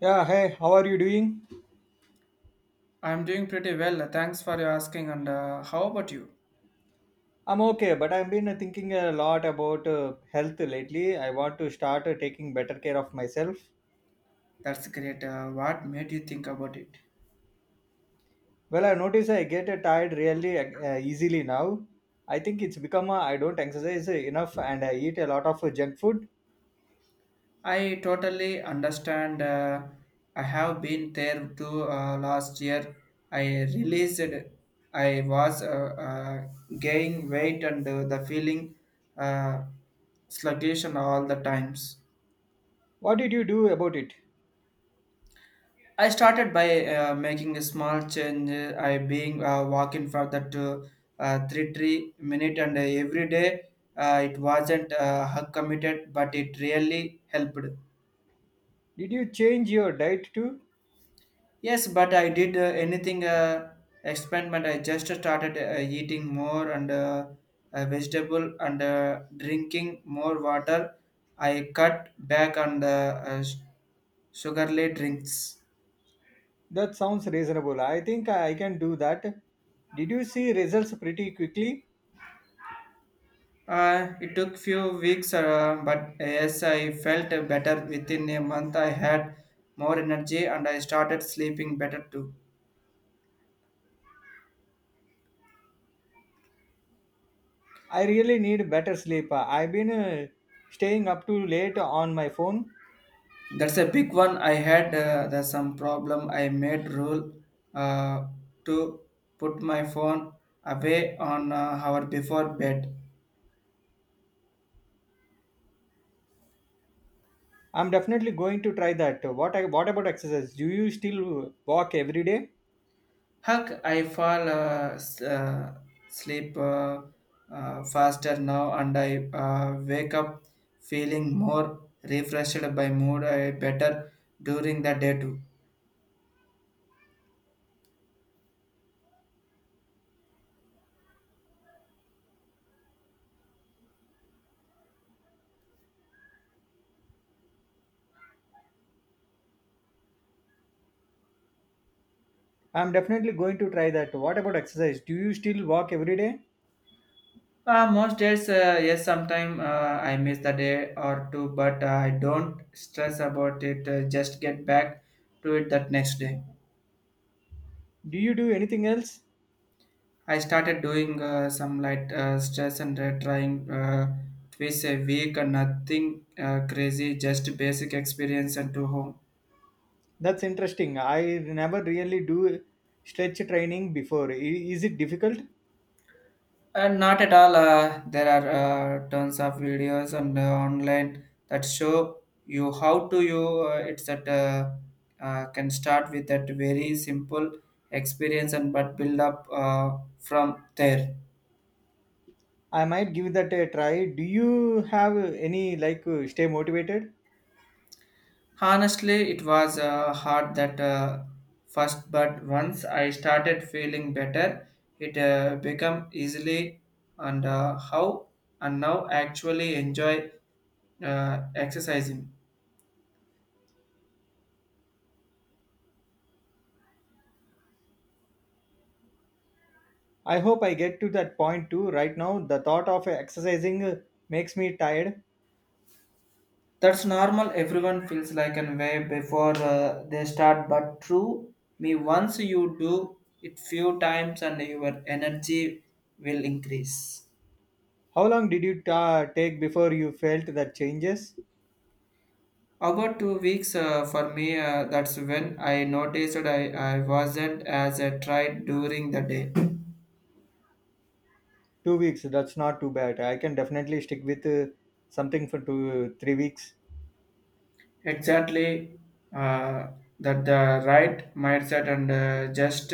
Yeah, hey, how are you doing? I'm doing pretty well. Thanks for your asking. And how about you? I'm okay, but I've been thinking a lot about health lately. I want to start taking better care of myself. That's great. What made you think about it? Well, I notice I get tired really easily now. I think it's become I don't exercise enough and I eat a lot of junk food. I totally understand. I have been there too last year. I realized I was gaining weight and the feeling uh, sluggish and all the times. What did you do about it? I started by making a small change. I being walking for that three minute and every day. It wasn't hug committed, but it really helped. Did you change your diet too? Yes, but I did anything experiment. I just started eating more and vegetable and drinking more water. I cut back on the uh, s- sugarly drinks. That sounds reasonable. I think I can do that. Did you see results pretty quickly? It took few weeks, but yes, I felt better within a month. I had more energy and I started sleeping better too. I really need better sleep. I've been staying up too late on my phone. That's a big one. I had there's some problem. I made rule uh, to put my phone away on hour before bed. I'm definitely going to try that. What about exercise? Do you still walk every day? Huck, I fall sleep faster now and I wake up feeling more refreshed by mood, better during the day too. I'm definitely going to try that. What about exercise? Do you still walk every day? Most days, yes, sometimes I miss the day or two, but I don't stress about it, just get back to it that next day. Do you do anything else? I started doing some light stress and trying twice a week and nothing crazy, just basic experience and to home. That's interesting. I never really do stretch training before. Is it difficult? And not at all. There are tons of videos and online that show you how to you. It's that can start with that very simple experience and but build up from there. I might give that a try. Do you have any like stay motivated? Honestly, it was hard that first, but once I started feeling better, it became easily and how and now actually enjoy exercising. I hope I get to that point too. Right now, the thought of exercising makes me tired. That's normal. Everyone feels like an way before they start, but true me, once you do it few times, and your energy will increase. How long did you ta take before you felt that changes? About 2 weeks for me, that's when I noticed I wasn't as I tried during the day. Two weeks, that's not too bad. I can definitely stick with something for two, three weeks. Exactly uh, that the right mindset and just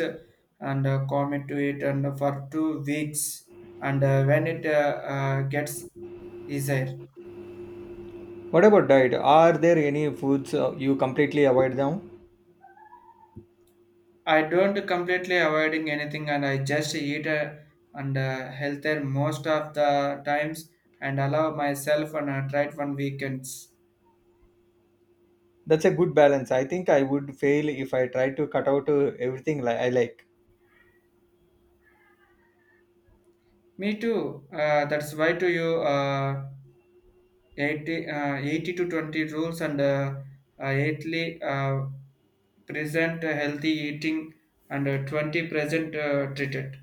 and commit to it and for 2 weeks and when it gets easier. What about diet? Are there any foods you completely avoid now? I don't completely avoiding anything and I just eat and healthier most of the times and allow myself and try it one weekends. That's a good balance. I think I would fail if I try to cut out everything I like. Me too. That's why to you 80 to 20 rules and eighthly present healthy eating and 20 present treated.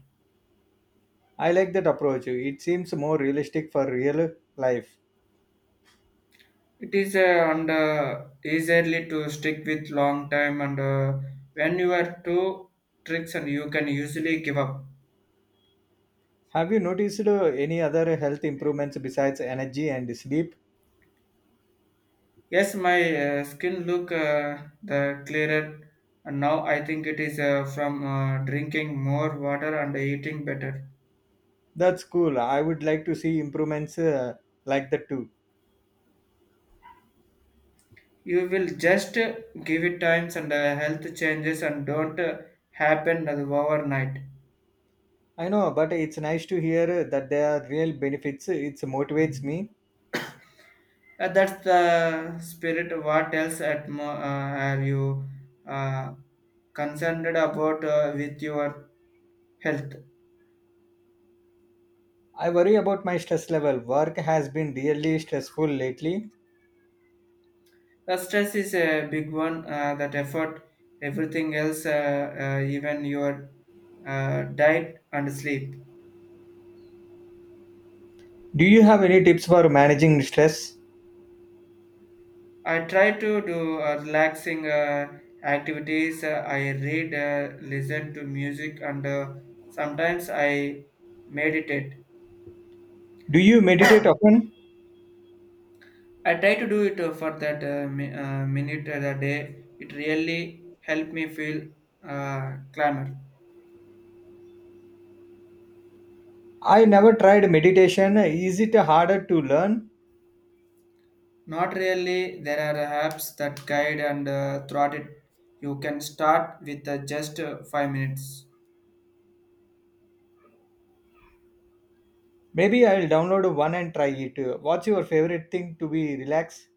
I like that approach. It seems more realistic for real life. It is and easily to stick with long time and when you are two tricks and you can usually give up. Have you noticed any other health improvements besides energy and sleep? Yes, my skin look the clearer and now I think it is from drinking more water and eating better. That's cool. I would like to see improvements like that too. You will just give it times and health changes and don't happen overnight. I know, but it's nice to hear that there are real benefits. It motivates me. That's the spirit. What else at are you uh, concerned about with your health? I worry about my stress level. Work has been really stressful lately. The stress is a big one. That effort, everything else, even your diet and sleep. Do you have any tips for managing stress? I try to do relaxing activities. I read, listen to music, and sometimes I meditate. Do you meditate often? I try to do it for that minute of the day. It really helped me feel clamor. I never tried meditation. Is it harder to learn? Not really. There are apps that guide and throughout it. You can start with just 5 minutes. Maybe I'll download one and try it. What's your favorite thing to be relaxed?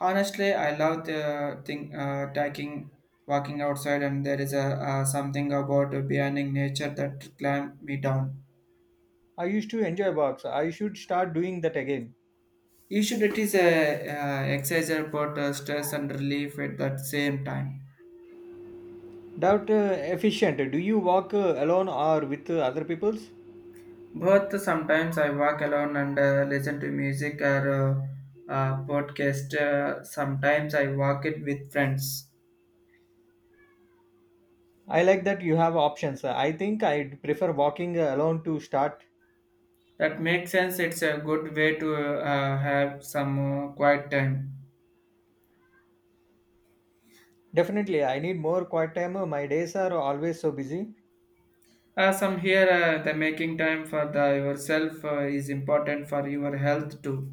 Honestly, I love the thing, taking, walking outside, and there is a something about beyonding nature that clamp me down. I used to enjoy walks. I should start doing that again. You should it is a exercise about stress and relief at that same time. Doubt efficient. Do you walk alone or with other peoples? Both sometimes I walk alone and listen to music or podcast. Sometimes I walk it with friends. I like that you have options. I think I'd prefer walking alone to start. That makes sense. It's a good way to have some quiet time. Definitely, I need more quiet time. My days are always so busy. Some here, the making time for the yourself is important for your health too.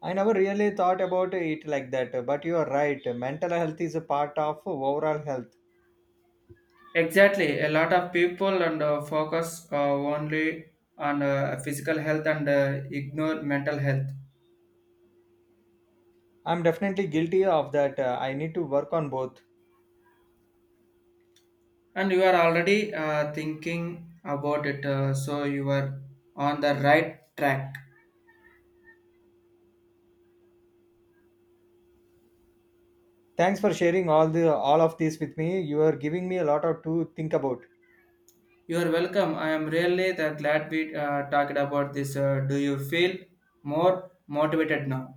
I never really thought about it like that, but you are right. Mental health is a part of overall health. Exactly, a lot of people and focus only on physical health and ignore mental health. I'm definitely guilty of that. I need to work on both. And you are already thinking about it, so you are on the right track. Thanks for sharing all of this with me. You are giving me a lot of to think about. You are welcome. I am really the glad we talked about this. Do you feel more motivated now?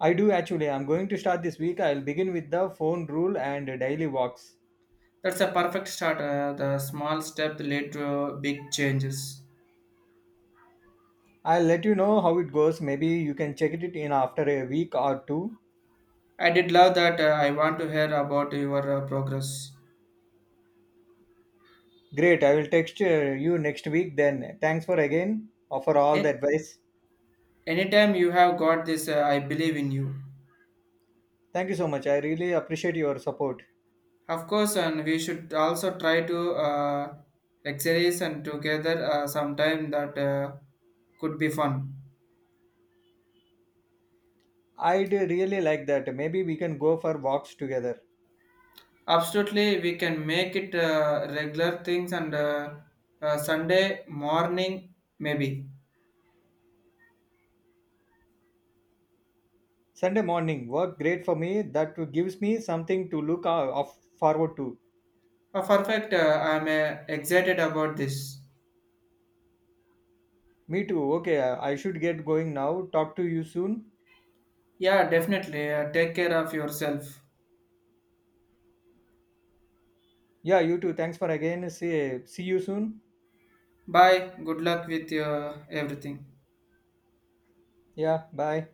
I do actually. I'm going to start this week. I'll begin with the phone rule and daily walks. That's a perfect start. The small step lead to big changes. I'll let you know how it goes. Maybe you can check it in after a week or two. I did love that. I want to hear about your progress. Great. I will text you next week then. Thanks for again for all the A- advice. Anytime you have got this, I believe in you. Thank you so much. I really appreciate your support. Of course, and we should also try to exercise and together sometime that could be fun. I'd really like that. Maybe we can go for walks together. Absolutely, we can make it regular things and Sunday morning maybe. Sunday morning work great for me. That gives me something to forward to. Perfect. I'm excited about this. Me too. Okay, I should get going now. Talk to you soon. Yeah, definitely. Take care of yourself. Yeah, you too. Thanks for again. See you soon. Bye. Good luck with your everything. Yeah, bye.